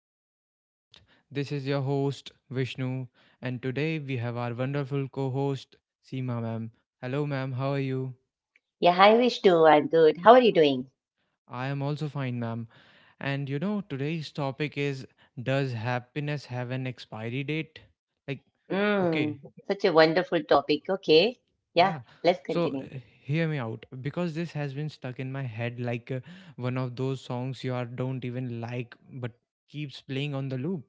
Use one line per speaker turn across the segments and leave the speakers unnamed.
the podcast. This is your host, Vishnu, and today we have our wonderful co host, Seema, ma'am. Hello, ma'am. How are you?
Yeah, hi Vishnu. I'm good. How are you doing?
I am also fine, ma'am. Today's topic is, does happiness have an expiry date? Like,
Mm,
okay,
such a wonderful topic. Okay. Yeah,
yeah.
let's
So,
continue.
hear me out because this has been stuck in my head like one of those songs you are don't even like but keeps playing on the loop.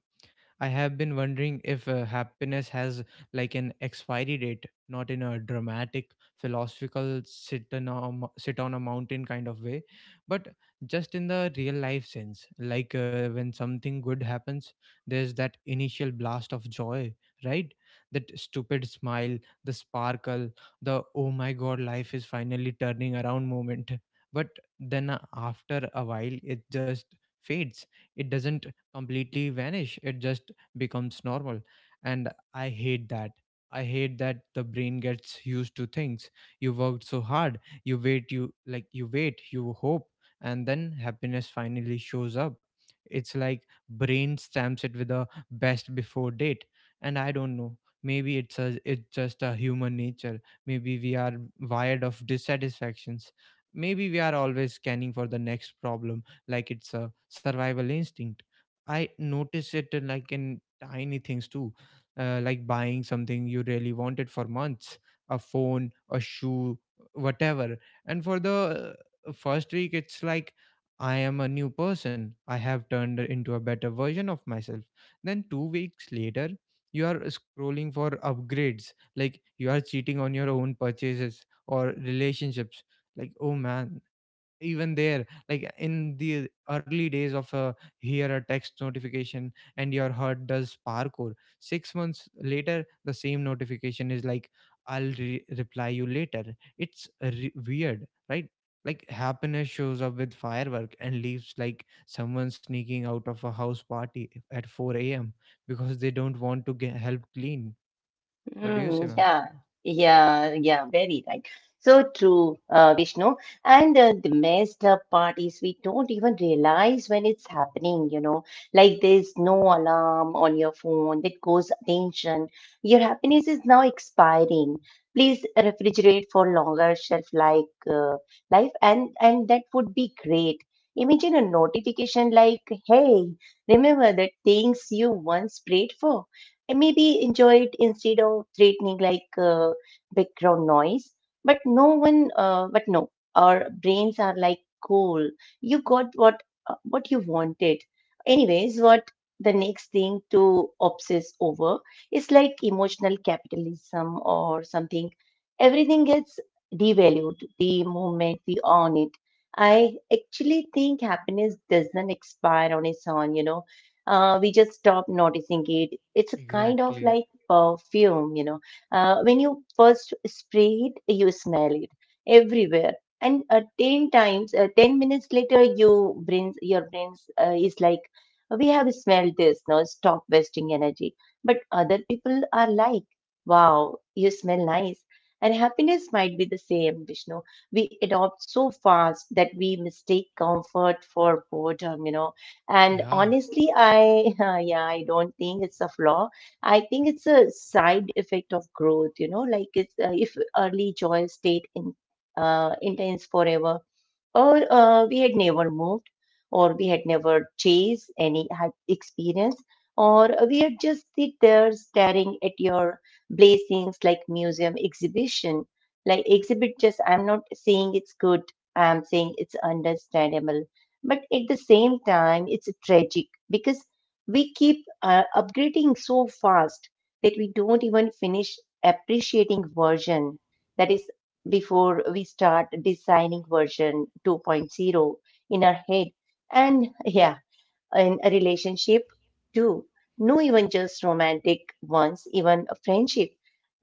I have been wondering if happiness has like an expiry date, not in a dramatic, philosophical, sit on a mountain kind of way, but just in the real life sense. Like when something good happens, there's that initial blast of joy, right? That stupid smile, the sparkle, the oh my god, life is finally turning around moment. But then after a while, it just fades. It doesn't completely vanish, it just becomes normal, and I hate that. I hate that the brain gets used to things. You worked so hard, you wait, you like you wait, you hope, and then happiness finally shows up. It's like brain stamps it with a best before date. And I don't know, maybe it's just a human nature. Maybe we are wired of dissatisfactions. Maybe we are always scanning for the next problem like it's a survival instinct. I notice it like in tiny things too, like buying something you really wanted for months, a phone, a shoe, whatever. And for the first week, it's like I am a new person. I have turned into a better version of myself. Then, 2 weeks later, you are scrolling for upgrades, like you are cheating on your own purchases or relationships. Like, oh man, even there like in the early days of hear a text notification and your heart does parkour. 6 months later the same notification is like I'll reply you later. It's weird, right? Like happiness shows up with firework and leaves like someone sneaking out of a house party at 4 a.m. because they don't want to get help clean. What do you say,
Mm,
ma'am?
yeah, yeah, very right. So true, Vishnu. And the messed up part is we don't even realize when it's happening, you know, like there's no alarm on your phone that goes attention. Your happiness is now expiring. Please refrigerate for longer shelf like life, and that would be great. Imagine a notification like, "Hey, remember that things you once prayed for," and maybe enjoy it instead of threatening like background noise. But but no, our brains are like cool. You got what you wanted. Anyways, what the next thing to obsess over is like emotional capitalism or something. Everything gets devalued the moment we own it. I actually think happiness doesn't expire on its own. You know, we just stop noticing it. It's a kind of
Exactly.
like perfume, you know. When you first spray it, you smell it everywhere, and ten times, 10 minutes later, your brains is like, we have smelled this. Now stop wasting energy. But other people are like, wow, you smell nice. And happiness might be the same, Vishnu. We adopt so fast that we mistake comfort for boredom, you know. And
Yeah.
honestly, I, yeah, I don't think it's a flaw. I think it's a side effect of growth, you know, like if early joys stayed intense forever, or we had never moved or we had never chased any experience, or we had just sit there staring at your blessings like museum exhibition, like exhibit. Just I'm not saying it's good, I'm saying it's understandable. But at the same time, it's tragic because we keep upgrading so fast that we don't even finish appreciating version that is, before we start designing version 2.0 in our head. And yeah, in a relationship too. No, even just romantic ones, even a friendship.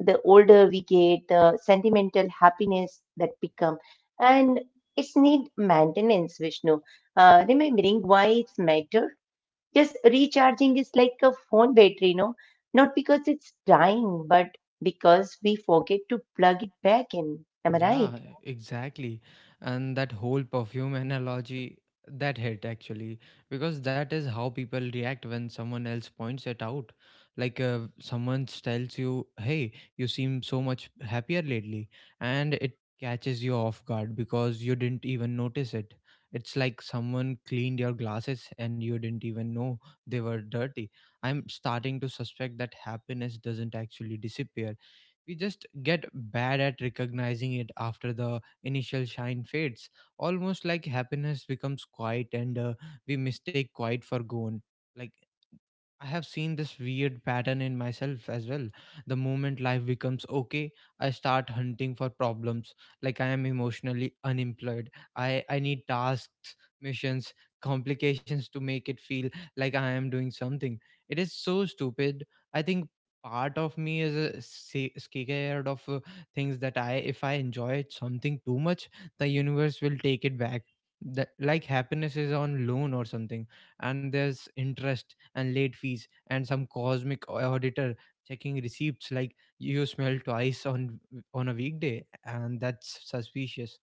The older we get, the sentimental happiness that become. And it's need maintenance, Vishnu. Uh, remembering why it's matter, just recharging is like a phone battery, you know, not because it's dying but because we forget to plug it back in. Am I
Yeah,
right?
exactly. And that whole perfume analogy, that hit actually, because that is how people react when someone else points it out. Like someone tells you, "Hey, you seem so much happier lately," and it catches you off guard because you didn't even notice it. It's like someone cleaned your glasses and you didn't even know they were dirty. I'm starting to suspect that happiness doesn't actually disappear, we just get bad at recognizing it after the initial shine fades, almost like happiness becomes quiet and we mistake quiet for gone. Like, I have seen this weird pattern in myself as well. The moment life becomes okay, I start hunting for problems. Like I am emotionally unemployed. I need tasks, missions, complications to make it feel like I am doing something. It is so stupid. I think part of me is scared of if I enjoy something too much, the universe will take it back. That, like happiness is on loan or something, and there's interest and late fees and some cosmic auditor checking receipts like you smell twice on a weekday and that's suspicious.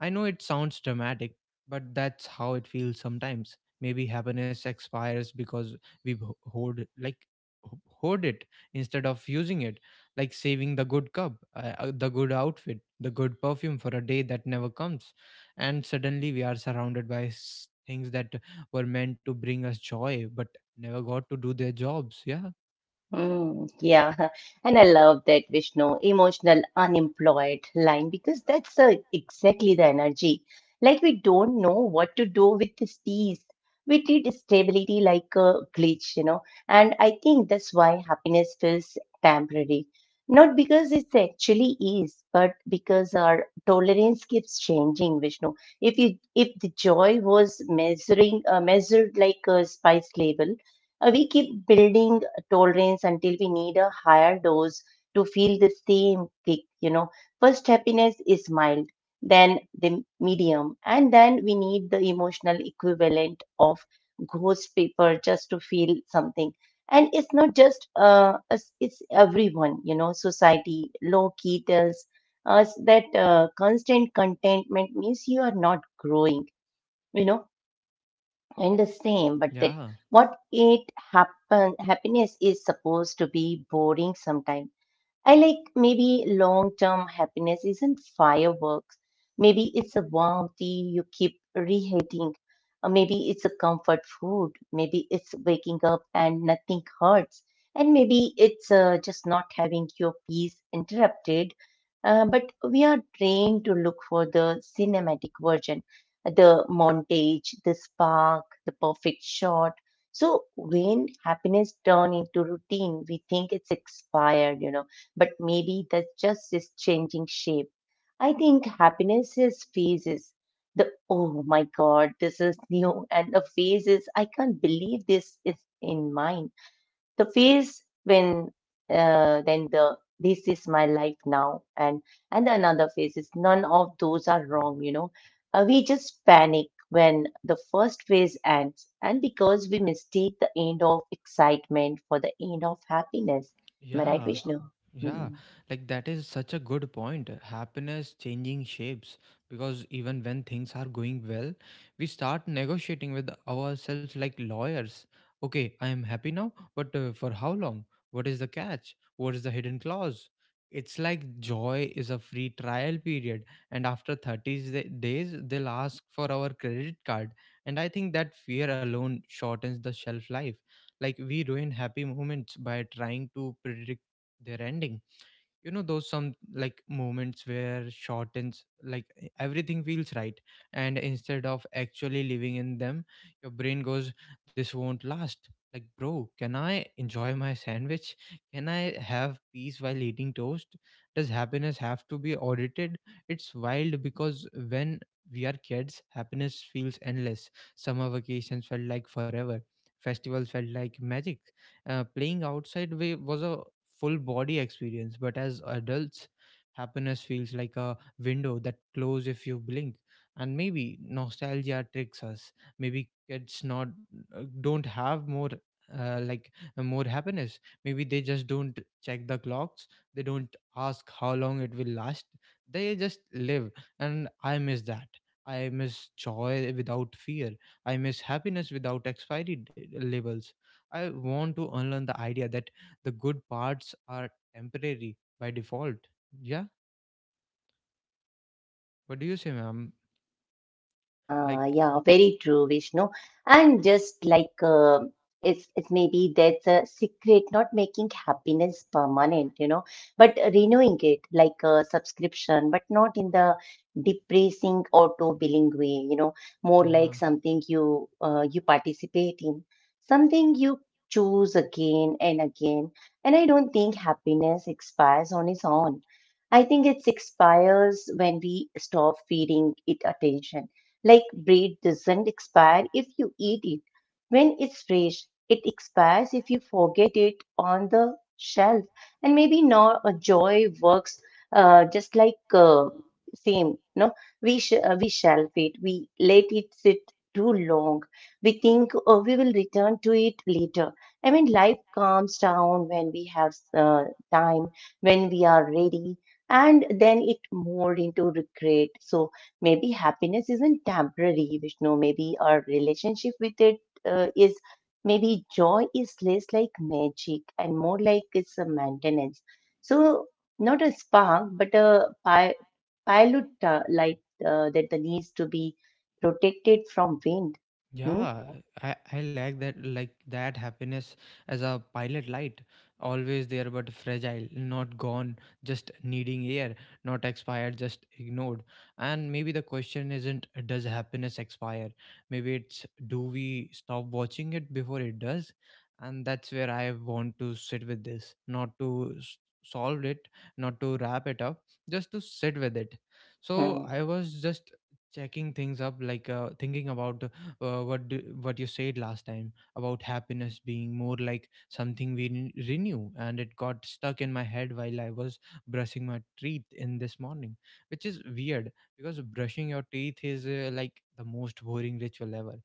I know it sounds dramatic, but that's how it feels sometimes. Maybe happiness expires because we hoard like hoard it instead of using it, like saving the good cup the good outfit, the good perfume for a day that never comes, and suddenly we are surrounded by things that were meant to bring us joy but never got to do their jobs. Yeah,
Yeah, and I love that Vishnu emotional unemployed line because that's exactly the energy. Like we don't know what to do with this peace. We treat stability like a glitch, you know, and I think that's why happiness feels temporary. Not because it actually is, but because our tolerance keeps changing, Vishnu. If the joy was measuring measured like a spice level, we keep building tolerance until we need a higher dose to feel the same kick, you know. First, happiness is mild, then the medium, and then we need the emotional equivalent of ghost paper just to feel something. And it's not just us, it's everyone, you know. Society, low key, tells us that constant contentment means you are not growing, you know. Understand, but that
yeah,
what it happen, happiness is supposed to be boring sometimes. I like maybe long term happiness isn't fireworks. Maybe it's a warm tea you keep reheating. Or maybe it's a comfort food. Maybe it's waking up and nothing hurts. And maybe it's just not having your peace interrupted. But we are trained to look for the cinematic version, the montage, the spark, the perfect shot. So when happiness turns into routine, we think it's expired, you know, but maybe that's just its changing shape. I think happiness is phases. The oh my god, this is new, and the phases. I can't believe this is in mine. The phase when then the this is my life now, and another phase is none of those are wrong. You know, we just panic when the first phase ends, and because we mistake the end of excitement for the end of happiness. Am I right,
yeah.
Vishnu?
Yeah,
Hmm.
like that is such a good point. Happiness changing shapes, because even when things are going well, we start negotiating with ourselves like lawyers. Okay, I am happy now, but for how long? What is the catch? What is the hidden clause? It's like joy is a free trial period, and after 30 days, they'll ask for our credit card. And I think that fear alone shortens the shelf life. Like, we ruin happy moments by trying to predict their ending. You know those some like moments where shortens like everything feels right, and instead of actually living in them your brain goes this won't last. Like, bro, can I enjoy my sandwich? Can I have peace while eating toast? Does happiness have to be audited? It's wild because when we are kids happiness feels endless. Summer vacations felt like forever, festivals felt like magic, playing outside was a full body experience, but as adults, happiness feels like a window that closes if you blink. And maybe nostalgia tricks us. Maybe kids not, don't have more, like more happiness. Maybe they just don't check the clocks. They don't ask how long it will last. They just live, and I miss that. I miss joy without fear. I miss happiness without expiry labels. I want to unlearn the idea that the good parts are temporary by default. Yeah. What do you say, ma'am? Like,
Yeah, very true, Vishnu. And just like it's maybe that's a secret, not making happiness permanent, you know, but renewing it like a subscription, but not in the depressing auto billing way, you know, more like
yeah.
something you participate in, something you choose again and again. And I don't think happiness expires on its own. I think it expires when we stop feeding it attention, like bread doesn't expire if you eat it when it's fresh. It expires if you forget it on the shelf. And maybe not a joy works just like same. We shelf it, we let it sit too long. We think we will return to it later. I mean, life calms down when we have time, when we are ready, and then it mould into regret. So maybe happiness isn't temporary, Vishnu. Maybe our relationship with it is, maybe joy is less like magic and more like it's a maintenance. So not a spark, but a pilot light that the needs to be protected from wind. Hmm?
Yeah, I like that happiness as a pilot light, always there but fragile, not gone, just needing air, not expired, just ignored. And maybe the question isn't does happiness expire? Maybe it's, do we stop watching it before it does? And that's where I want to sit with this, not to solve it, not to wrap it up, just to sit with it.
Hmm.
So I was just checking things up like thinking about what you said last time about happiness being more like something we renew, and it got stuck in my head while I was brushing my teeth in this morning, which is weird because brushing your teeth is like the most boring ritual ever.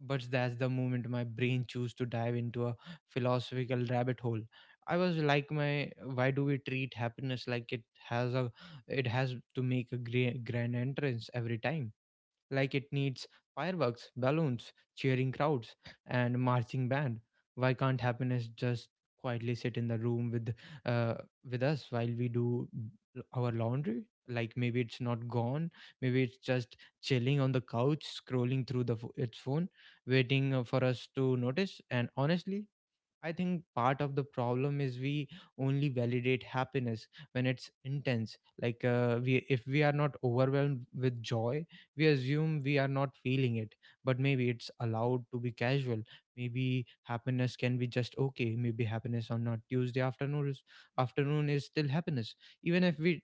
But that's the moment my brain chose to dive into a philosophical rabbit hole. I was like my, why do we treat happiness like it has to make a grand entrance every time? Like it needs fireworks, balloons, cheering crowds, and marching band. Why can't happiness just quietly sit in the room uh, with us while we do our laundry? Like maybe it's not gone, maybe it's just chilling on the couch, scrolling through its phone, waiting for us to notice. And honestly, I think part of the problem is we only validate happiness when it's intense. Like if we are not overwhelmed with joy, we assume we are not feeling it. But maybe it's allowed to be casual. Maybe happiness can be just okay. Maybe happiness on not Tuesday afternoon is still happiness, even if we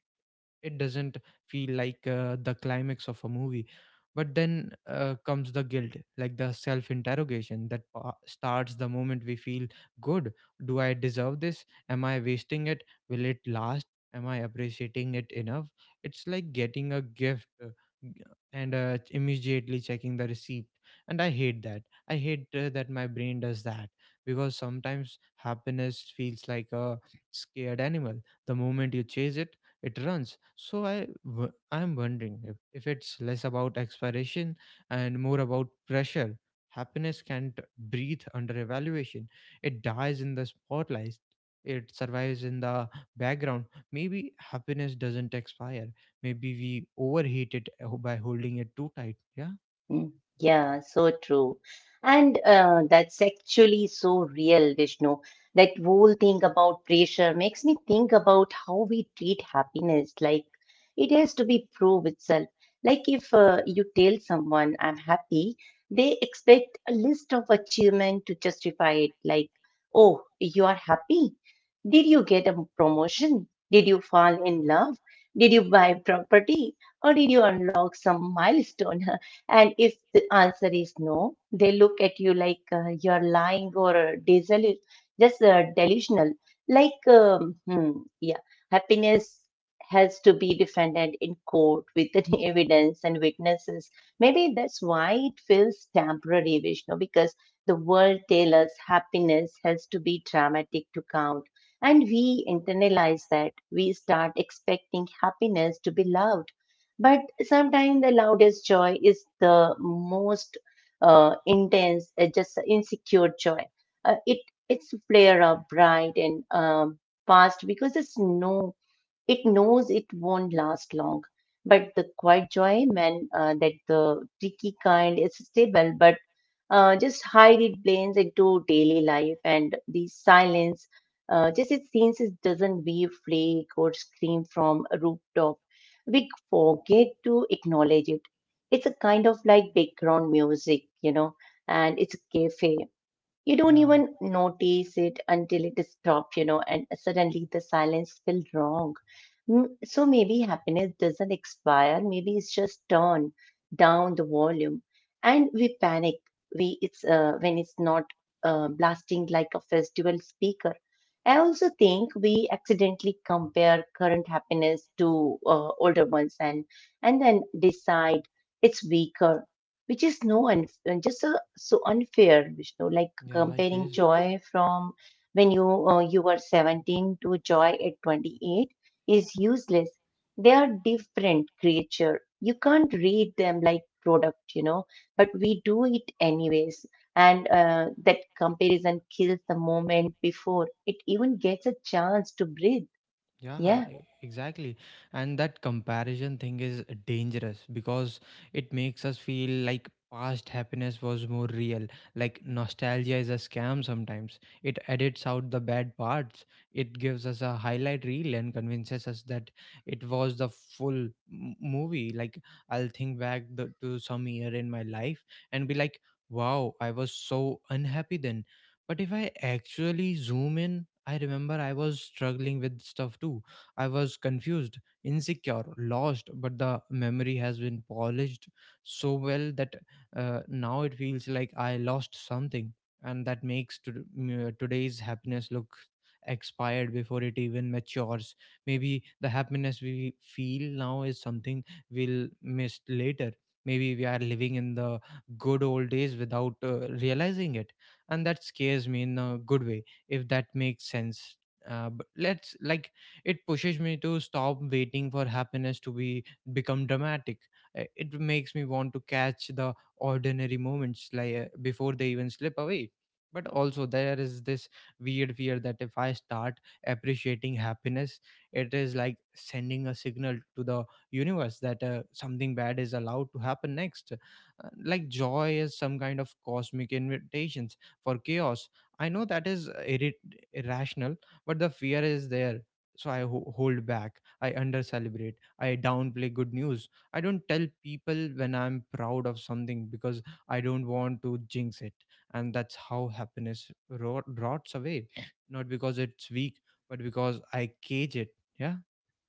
it doesn't feel like the climax of a movie. But then comes the guilt, like the self interrogation that starts the moment we feel good. Do I deserve this? Am I wasting it? Will it last? Am I appreciating it enough? It's like getting a gift, g- and immediately checking the receipt. And I hate that. I hate that my brain does that, because sometimes happiness feels like a scared animal. The moment you chase it, it runs. So I'm wondering if it's less about expiration and more about pressure. Happiness can't breathe under evaluation. It dies in the spotlight. It survives in the background. Maybe happiness doesn't expire, maybe we overheat it by holding it too tight. Yeah.
Hmm. Yeah, so true. And that's actually so real, Vishnu. That whole thing about pressure makes me think about how we treat happiness. Like it has to be prove itself. Like if you tell someone I'm happy, they expect a list of achievement to justify it. Like, oh, you are happy? Did you get a promotion? Did you fall in love? Did you buy property? Or did you unlock some milestone? And if the answer is no, they look at you like you're lying or desolu- just delusional. Like, hmm, yeah, happiness has to be defended in court with the evidence and witnesses. Maybe that's why it feels temporary, Vishnu, because the world tells us happiness has to be dramatic to count. And we internalize that. We start expecting happiness to be loud. But sometimes the loudest joy is the most intense, just insecure joy. Uh, it it's flare up bright and past because there's no, it knows it won't last long, but the quiet joy, man, that the tricky kind is stable, but just hide it blends into daily life and the silence. Just it seems it doesn't wave, flake, or scream from a rooftop. We forget to acknowledge it. It's a kind of like background music, you know, and it's a cafe. You don't
Yeah,
even notice it until it stops, you know, and suddenly the silence feels wrong. So maybe happiness doesn't expire, maybe it's just turned down the volume. And we panic when it's not blasting like a festival speaker. I also think we accidentally compare current happiness to older ones, and then decide it's weaker, which is no un- just a, so unfair, Vishnu. Like
yeah, it
comparing
is.
joy from when you were 17 to joy at 28 is useless. They are different creature. You can't read them like product, you know, but we do it anyways. And that comparison kills the moment before it even gets a chance to breathe.
Yeah,
Yeah.
exactly. And that comparison thing is dangerous because it makes us feel like past happiness was more real. Like nostalgia is a scam sometimes. It edits out the bad parts, it gives us a highlight reel and convinces us that it was the full movie. Like, I'll think back to some year in my life and be like, wow, I was so unhappy then. But if I actually zoom in, I remember I was struggling with stuff too. I was confused, insecure, lost, but the memory has been polished so well that now it feels like I lost something. And that makes today's happiness look expired before it even matures. Maybe the happiness we feel now is something we'll miss later. Maybe we are living in the good old days without realizing it, and that scares me in a good way, if that makes sense. But let's like It pushes me to stop waiting for happiness to be become dramatic. It makes me want to catch the ordinary moments, before they even slip away. But also there is this weird fear that if I start appreciating happiness, it is like sending a signal to the universe that something bad is allowed to happen next. Like joy is some kind of cosmic invitations for chaos. I know that is irrational, but the fear is there. So I hold back. I under celebrate. I downplay good news. I don't tell people when I'm proud of something because I don't want to jinx it. And that's how happiness rots away. Not because it's weak, but because I cage it. Yeah.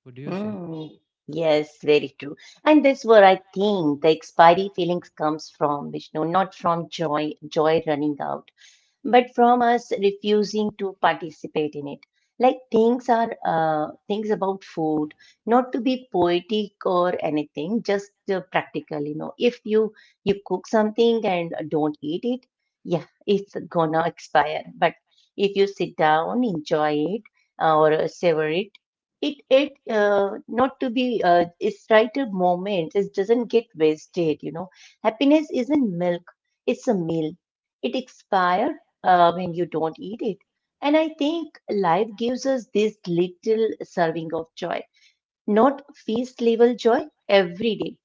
What do you say?
Mm, yes, very true. And this where I think the expiry feelings comes from, Vishnu, not from joy running out but from us refusing to participate in it. Like things are things about food, not to be poetic or anything, just practical. You know, if you cook something and don't eat it, yeah, it's gonna expire. But if you sit down, enjoy it, or savor it, it it not to be it's right at moment. It doesn't get wasted. You know, happiness isn't milk; it's a meal. It expires when you don't eat it. And I think life gives us this little serving of joy, not feast level joy every day,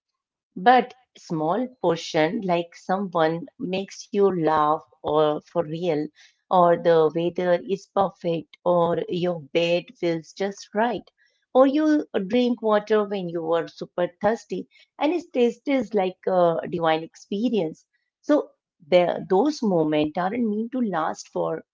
but small portion like someone makes you laugh or for real, or the weather is perfect, or your bed feels just right. Or you drink water when you were super thirsty, and it tastes like a divine experience. So, there, those moments aren't meant to last for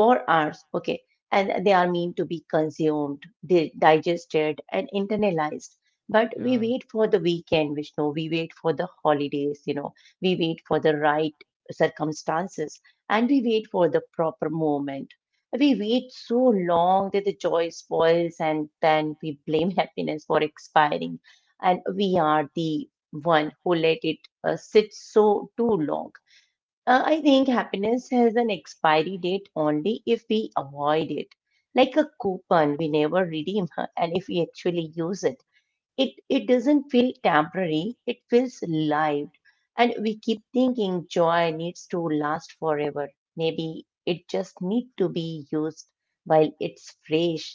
hours. Okay. And they are meant to be consumed, digested, and internalized. But we
Yeah.
wait for the weekend, Vishnu. We wait for the holidays, you know. We wait for the right circumstances, and we wait for the proper moment. We wait so long that the joy spoils, and then we blame happiness for expiring. And we are the one who let it sit so too long. I think happiness has an expiry date only if we avoid it. Like a coupon we never redeem, and if we actually use it, it doesn't feel temporary, it feels live. And we keep thinking joy needs to last forever. Maybe it just needs to be used while it's fresh.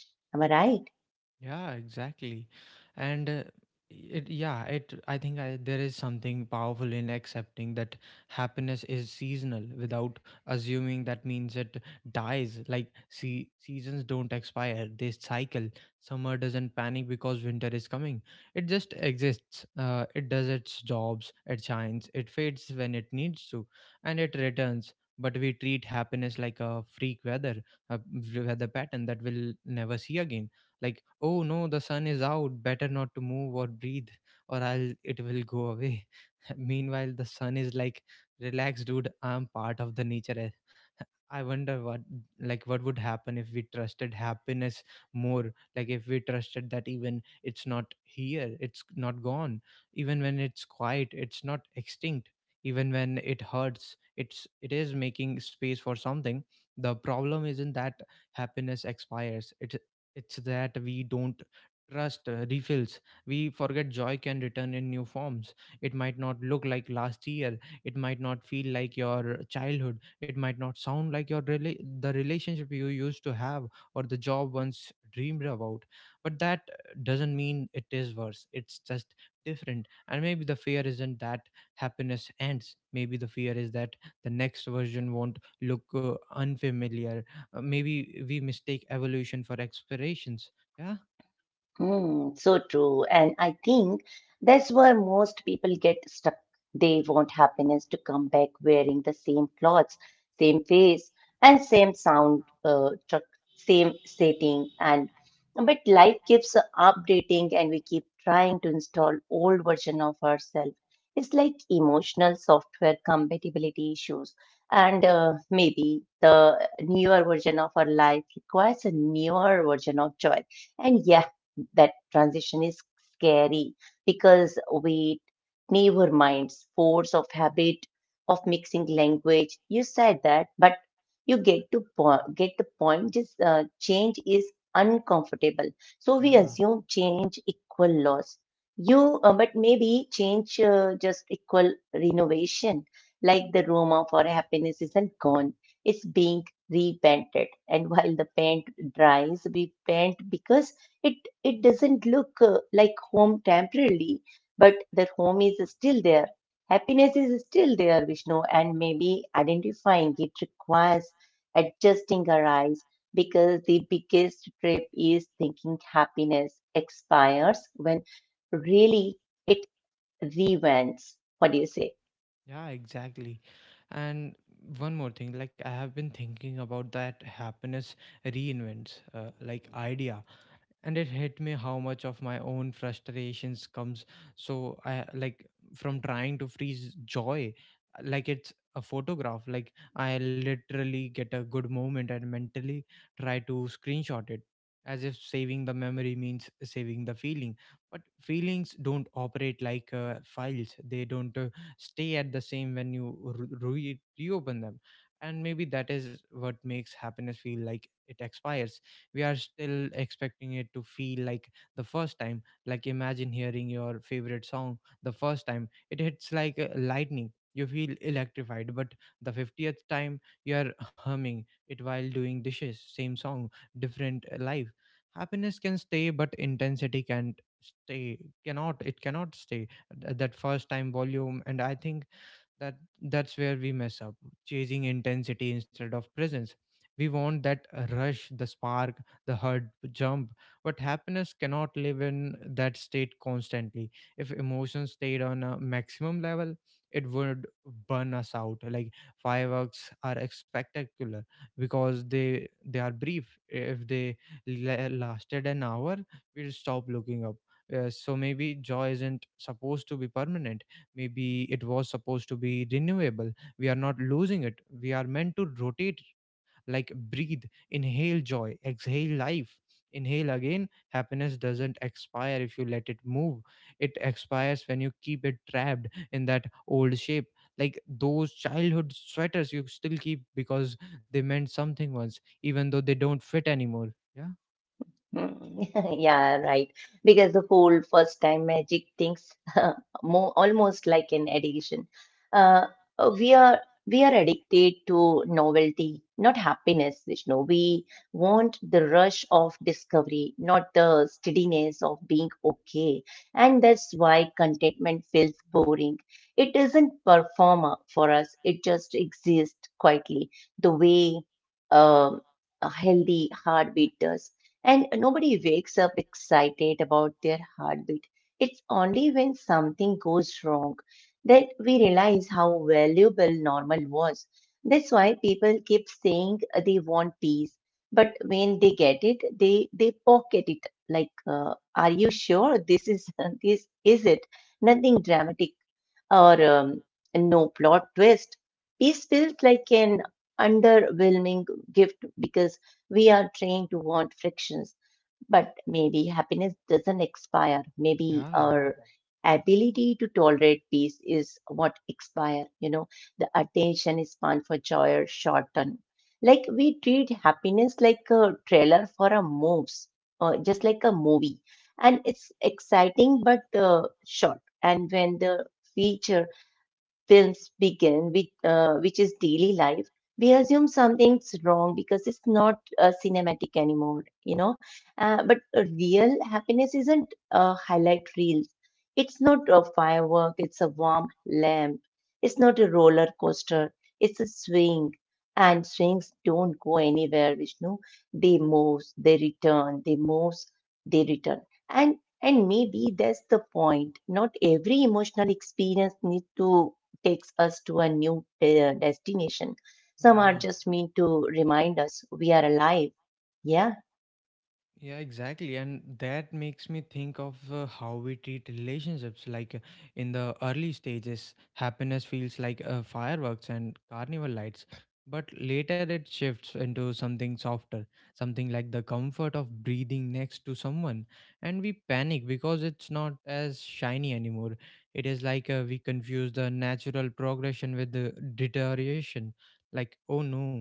Am I right?
Yeah, exactly. And it, yeah, it, I think I, There is something powerful in accepting that happiness is seasonal without assuming that means it dies. Like, see, seasons don't expire, they cycle. Summer doesn't panic because winter is coming. It just exists. It does its jobs, it shines, it fades when it needs to, and it returns. But we treat happiness like a freak weather, a weather pattern that we'll never see again. Like, oh no, the sun is out, better not to move or breathe, or I'll, it will go away. Meanwhile the sun is like, relax dude, I'm part of the nature, eh." I wonder what, like what would happen if we trusted happiness more. Like if we trusted that even it's not here, it's not gone, even when it's quiet, it's not extinct, even when it hurts, it is making space for something. The problem isn't that happiness expires, it's that we don't trust refills. We forget joy can return in new forms. It might not look like last year. It might not feel like your childhood. It might not sound like your the relationship you used to have, or the job once dreamed about. But that doesn't mean it is worse. It's just different. And maybe the fear isn't that happiness ends. Maybe the fear is that the next version won't look unfamiliar. Maybe we mistake evolution for explorations. Yeah.
Mm, so true. And I think that's where most people get stuck. They want happiness to come back wearing the same clothes, same face, and same sound, same setting. And but life keeps updating, and we keep trying to install old version of ourselves. It's like emotional software compatibility issues, and maybe the newer version of our life requires a newer version of joy. And yeah, that transition is scary because we never minds force of habit of mixing language. You said that, but you get the point. Just change is uncomfortable, so we
Yeah,
assume change equal loss. But maybe change just equal renovation. Like the room of our happiness isn't gone; it's being repainted. And while the paint dries, we paint because it it doesn't look like home temporarily, but the home is still there. Happiness is still there, Vishnu, and maybe identifying it requires adjusting our eyes because the biggest trip is thinking happiness expires when really it rewinds. What do you say?
yeah, exactly. And one more thing, like I have been thinking about that happiness reinvents like idea. And it hit me how much of my own frustrations comes, so I like from trying to freeze joy like it's a photograph. Like I literally get a good moment and mentally try to screenshot it, as if saving the memory means saving the feeling. But feelings don't operate like files. They don't stay at the same when you reopen them. And maybe that is what makes happiness feel like it expires. We are still expecting it to feel like the first time. Like imagine hearing your favorite song the first time, it hits like lightning, you feel electrified. But the 50th time you are humming it while doing dishes. Same song, different life. Happiness can stay, but intensity can't stay. Cannot it cannot stay. That first time volume. And I think that that's where we mess up, chasing intensity instead of presence. We want that rush, the spark, the hard jump. But happiness cannot live in that state constantly. If emotions stayed on a maximum level, it would burn us out. Like fireworks are spectacular because they are brief. If they lasted an hour, we'll stop looking up. So maybe joy isn't supposed to be permanent. Maybe it was supposed to be renewable. We are not losing it, we are meant to rotate, like breathe. Inhale joy, exhale life, inhale again. Happiness doesn't expire if you let it move. It expires when you keep it trapped in that old shape, like those childhood sweaters you still keep because they meant something once, even though they don't fit anymore. Yeah.
Mm, yeah, right. Because the whole first time magic things more almost like an addiction. Uh, uh, we are we are addicted to novelty, not happiness, Vishnu. We want the rush of discovery, not the steadiness of being okay. And that's why contentment feels boring. It isn't performer for us. It just exists quietly, the way um, a healthy heartbeat does. And nobody wakes up excited about their heartbeat. It's only when something goes wrong that we realize how valuable normal was. That's why people keep saying they want peace, but when they get it, they pocket it. Like, are you sure this is this is it? Nothing dramatic or no plot twist. Peace feels like an underwhelming gift because we are trained to want frictions, but maybe happiness doesn't expire. Maybe
Yeah,
our ability to tolerate peace is what expire. You know, the attention span for joy are shortened. Like we treat happiness like a trailer for a moves, or just like a movie, and it's exciting but short. And when the feature films begin with which is daily life, we assume something's wrong because it's not cinematic anymore, you know. But a real happiness isn't a highlight reel, it's not a firework, it's a warm lamp, it's not a roller coaster, it's a swing. And swings don't go anywhere, Vishnu. They move, they return, they move, they return. And and maybe that's the point. Not every emotional experience need to takes us to a new destination. Some are
yeah.
just meant to remind us we are alive. Yeah.
Yeah, exactly. And that makes me think of how we treat relationships. In the early stages, happiness feels like fireworks and carnival lights. But later it shifts into something softer, something like the comfort of breathing next to someone. And we panic because it's not as shiny anymore. It is like we confuse the natural progression with the deterioration. Like, oh no,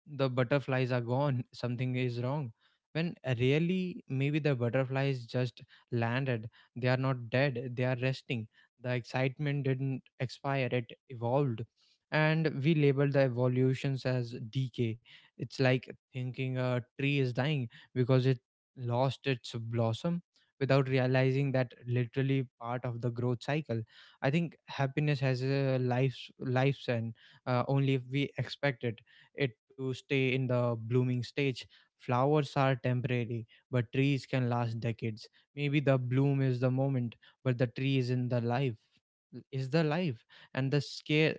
the butterflies are gone, something is wrong. When really, maybe the butterflies just landed. They are not dead, they are resting. The excitement didn't expire, it evolved. And we label the evolutions as decay. It's like thinking a tree is dying because it lost its blossom, without realizing that literally part of the growth cycle. I think happiness has a life, and only if we expect it to stay in the blooming stage. Flowers are temporary, but trees can last decades. Maybe the bloom is the moment, but the tree is the life. And the scare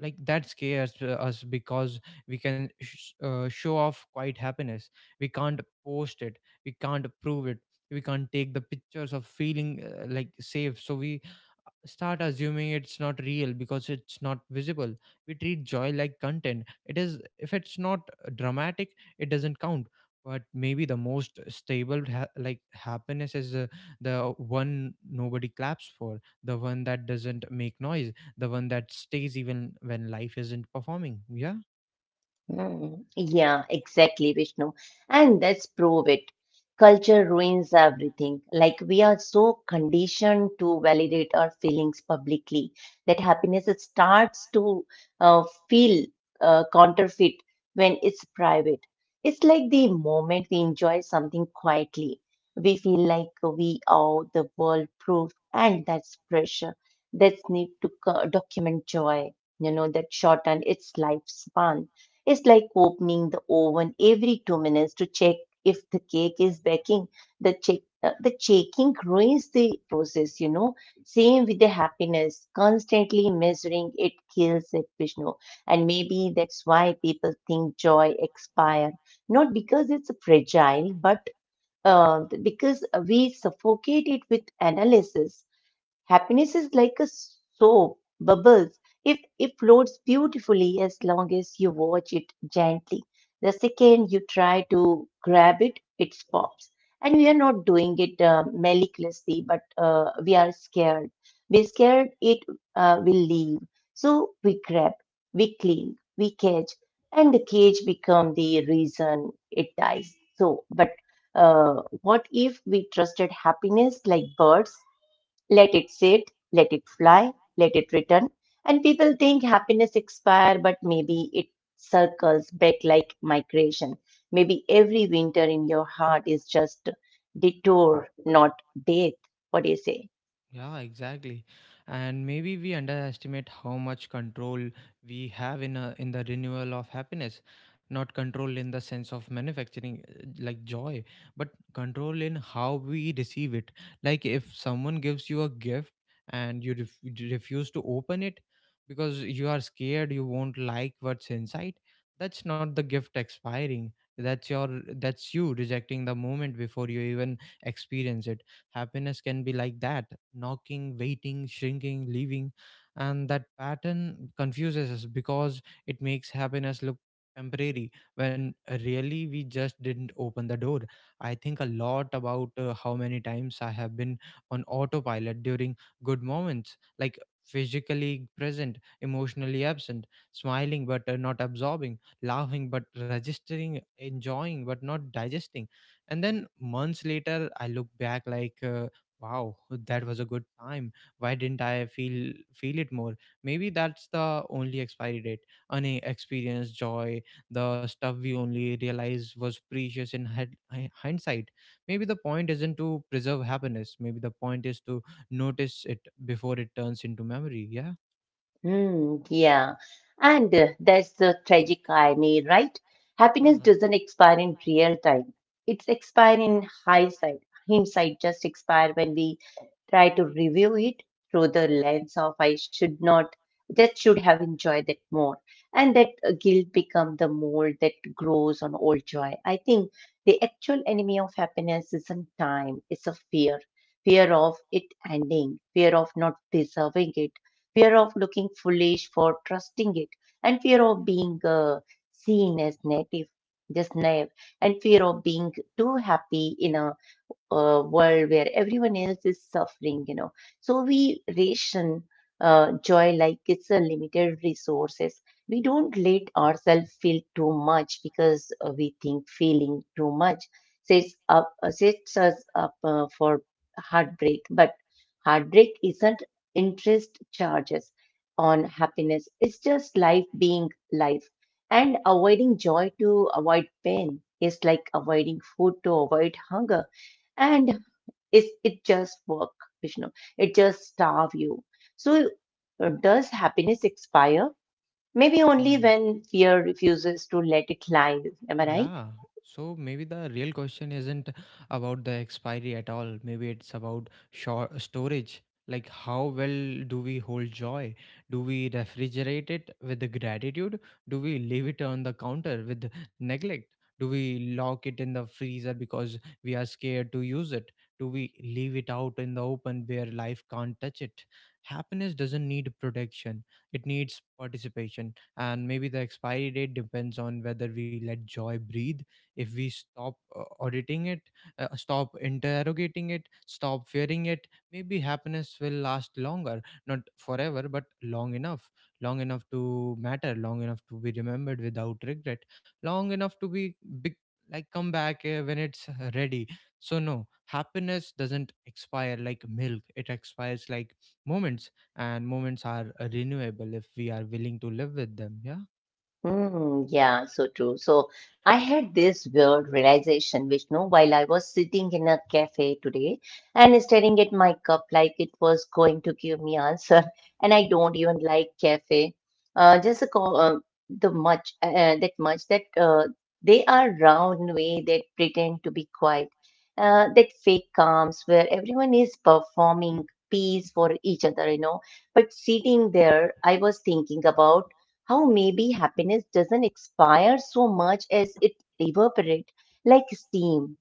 like that scares us, because we can show off quite happiness, we can't post it, we can't prove it, we can't take the pictures of feeling like safe. So we start assuming it's not real because it's not visible. We treat joy like content. It is, if it's not dramatic, it doesn't count. But maybe the most stable happiness is the one nobody claps for, the one that doesn't make noise, the one that stays even when life isn't performing. Yeah.
Mm, yeah, exactly, Vishnu. And that's prove it. Culture ruins everything. Like we are so conditioned to validate our feelings publicly that happiness starts to feel counterfeit when it's private. It's like the moment we enjoy something quietly, we feel like we owe the world proof, and that's pressure. That's need to document joy. You know, that shorten its lifespan. It's like opening the oven every 2 minutes to check if the cake is baking. The checking ruins the process, you know. Same with the happiness. Constantly measuring it kills it, Vishnu. And maybe that's why people think joy expire, not because it's fragile, but because we suffocate it with analysis. Happiness is like a soap bubbles. If it floats beautifully as long as you watch it gently. The second you try to grab it, it pops. And we are not doing it maliciously, but we are scared. We're scared it will leave. So we grab, we cling, we cage, and the cage become the reason it dies. So, but what if we trusted happiness like birds? Let it sit, let it fly, let it return. And people think happiness expire, but maybe it circles back like migration. Maybe every winter in your heart is just detour, not death. What do you say?
Yeah, exactly. And maybe we underestimate how much control we have in in the renewal of happiness. Not control in the sense of manufacturing like joy, but control in how we receive it. Like if someone gives you a gift and you you refuse to open it because you are scared you won't like what's inside, that's not the gift expiring. That's your that's you rejecting the moment before you even experience it. Happiness can be like that: knocking, waiting, shrinking, leaving. And that pattern confuses us because it makes happiness look temporary, when really we just didn't open the door. I think a lot about how many times I have been on autopilot during good moments. Like physically present, emotionally absent, smiling but not absorbing, laughing but registering, enjoying but not digesting. And then months later I look back like, wow, that was a good time, why didn't I feel feel it more? Maybe that's the only expiry date, an experience joy, the stuff we only realize was precious in hi- hindsight. Maybe the point isn't to preserve happiness, maybe the point is to notice it before it turns into memory. Yeah.
Hmm, yeah. And that's the tragic irony, right? Happiness doesn't expire in real time. It's expire in hindsight. Hindsight just expire when we try to review it through the lens of I should not, that should have enjoyed that more. And that guilt become the mold that grows on old joy. I think the actual enemy of happiness isn't time, it's a fear. Fear of it ending, fear of not deserving it, fear of looking foolish for trusting it, and fear of being seen as native, just naive, and fear of being too happy in a world where everyone else is suffering, you know. So we ration joy like it's a limited resources. We don't let ourselves feel too much because we think feeling too much sets us up for heartbreak, but heartbreak isn't interest charges on happiness, it's just life being life. And avoiding joy to avoid pain is like avoiding food to avoid hunger, and it just work, Vishnu, it just starve you. So does happiness expire? Maybe only
Hmm.
when fear refuses to let it live. Am I
Yeah.
right?
So maybe the real question isn't about the expiry at all. Maybe it's about short storage. Like how well do we hold joy? Do we refrigerate it with the gratitude? Do we leave it on the counter with neglect? Do we lock it in the freezer because we are scared to use it? Do we leave it out in the open where life can't touch it? Happiness doesn't need protection. It needs participation. And maybe the expiry date depends on whether we let joy breathe. If we stop auditing it, stop interrogating it, stop fearing it, maybe happiness will last longer. Not forever, but long enough. Long enough to matter, long enough to be remembered without regret, long enough to be big, like come back when it's ready. So no, happiness doesn't expire like milk, it expires like moments. And moments are renewable if we are willing to live with them. Yeah.
Hmm, yeah, so true. So I
Uh,
had this weird realization, Vishnu, while I was sitting in a cafe today and staring at my cup like it was going to give me answer. And I don't even like cafe. Just a co the much that much that they are round way that pretend to be quiet. That fake calms where everyone is performing peace for each other, you know. But sitting there, I was thinking about how maybe happiness doesn't expire so much as it evaporate like steam.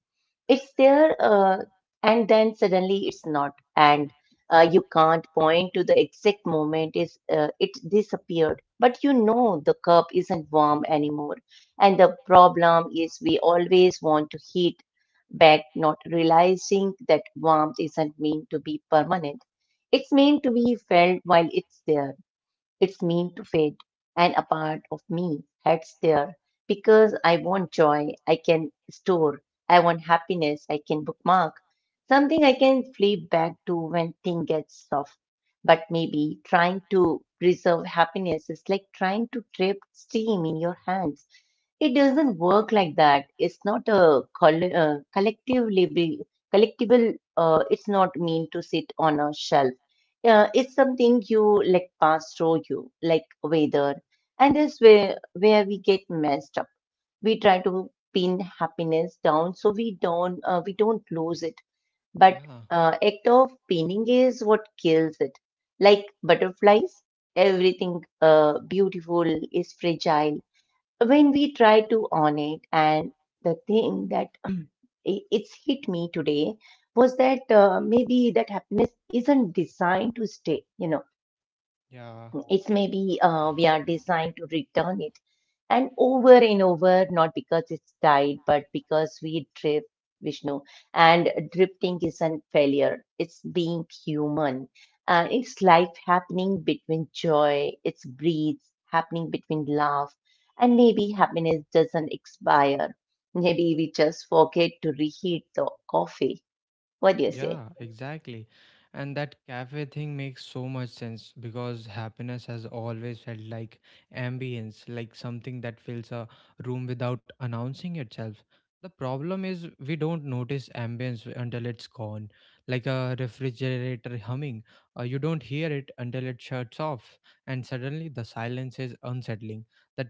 It's there and then suddenly it's not, and you can't point to the exact moment is it disappeared, but you know the cup isn't warm anymore. And the problem is we always want to heat back, not realizing that warmth isn't meant to be permanent, it's meant to be felt while it's there. It's mean to fade, and a part of me heads there because I want joy I can store, I want happiness I can bookmark, something I can flip back to when things get soft. But maybe trying to preserve happiness is like trying to trap steam in your hands. It doesn't work like that. It's not a collectible. It's not mean to sit on a shelf. It's something you like pass through you like weather. And that's where we get messed up. We try to pin happiness down so we don't lose it, but
yeah
act of pinning is what kills it, like butterflies. Everything beautiful is fragile when we try to own it. And the thing that it's hit me today was that maybe that happiness isn't designed to stay, you know.
yeah
It's maybe we are designed to return it, and over and over, not because it's died, but because we drift, Vishnu. And drifting isn't failure, it's being human, and it's life happening between joy, it's breathes happening between love. And maybe happiness doesn't expire, maybe we just forget to reheat the coffee. What do you say?
Yeah, exactly. And that cafe thing makes so much sense because happiness has always felt like ambience, like something that fills a room without announcing itself. The problem is we don't notice ambience until it's gone, like a refrigerator humming. You don't hear it until it shuts off, and suddenly the silence is unsettling. That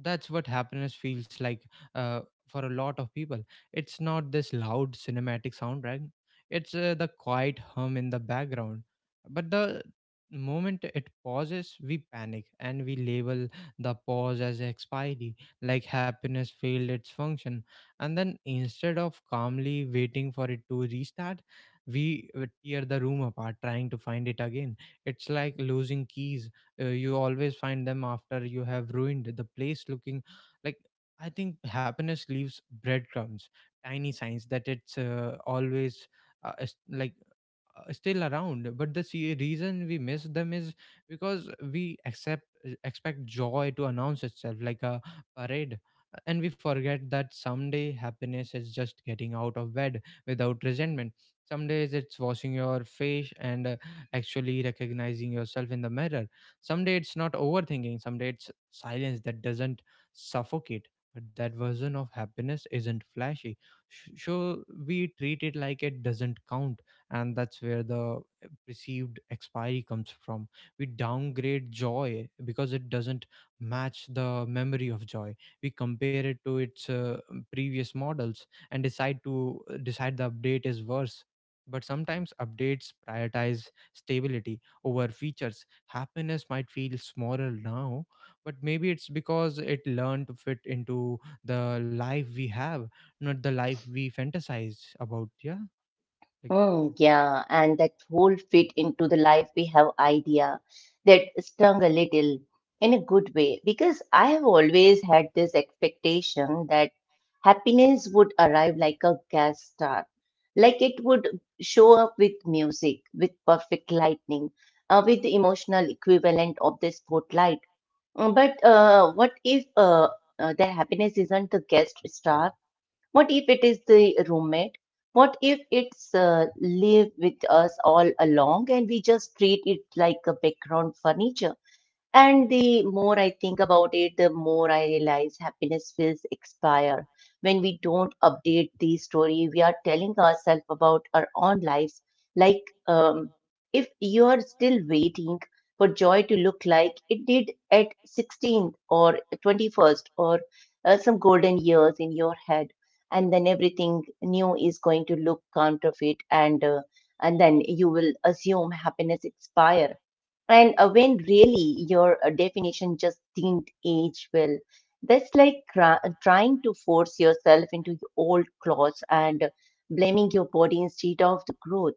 that's what happiness feels like uh, for a lot of people. It's not this loud cinematic soundtrack, it's the quiet hum in the background. But the moment it pauses, we panic and we label the pause as expiry, like happiness failed its function. And then instead of calmly waiting for it to restart, we tear the room apart trying to find it again. It's like losing keys. You always find them after you have ruined the place looking like I think happiness leaves breadcrumbs, tiny signs that it's always uh, es- like still around, but the reason we miss them is because we accept expect joy to announce itself like a parade, and we forget that someday happiness is just getting out of bed without resentment. Some days it's washing your face and actually recognizing yourself in the mirror. Someday it's not overthinking. Someday it's silence that doesn't suffocate. But that version of happiness isn't flashy, so we treat it like it doesn't count, and that's where the perceived expiry comes from. We downgrade joy because it doesn't match the memory of joy. We compare it to its previous models and decide the update is worse. But sometimes updates prioritize stability over features. Happiness might feel smaller now, but maybe it's because it learned to fit into the life we have, not the life we fantasize about. Yeah, like.
Mm, yeah, and that whole fit into the life we have idea, that stung a little in a good way, because I have always had this expectation that happiness would arrive like a gas star, like it would show up with music, with perfect lightning, with the emotional equivalent of the spotlight. But what if the happiness isn't the guest star? What if it is the roommate? What if it's live with us all along and we just treat it like a background furniture? And the more I think about it, the more I realize happiness feels expire. When we don't update the story, we are telling ourselves about our own lives. Like, um, if you are still waiting for joy to look like it did at 16th or 21st or some golden years in your head, and then everything new is going to look counterfeit, and then you will assume happiness expire, and when really your definition just didn't age well. That's like trying to force yourself into old clothes and blaming your body instead of the growth.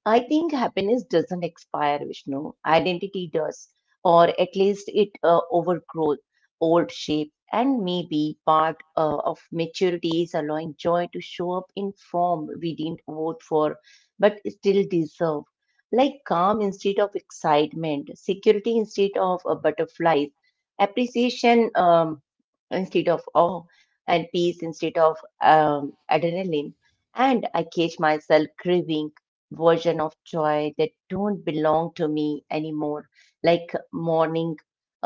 I think happiness doesn't expire, Vishnu. Identity does, or at least it overgrows old shape. And maybe part of maturity is allowing joy to show up in form we didn't vote for, but still deserve. Like calm instead of excitement, security instead of butterflies, appreciation instead of awe, and peace instead of adrenaline. And I catch myself craving version of joy that don't belong to me anymore, like morning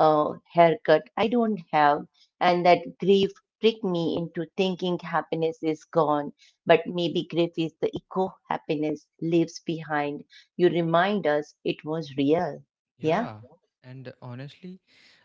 haircut I don't have. And that grief tricked me into thinking happiness is gone. But maybe grief is the echo happiness leaves behind. You remind us it was real. Yeah.
Yeah, and honestly,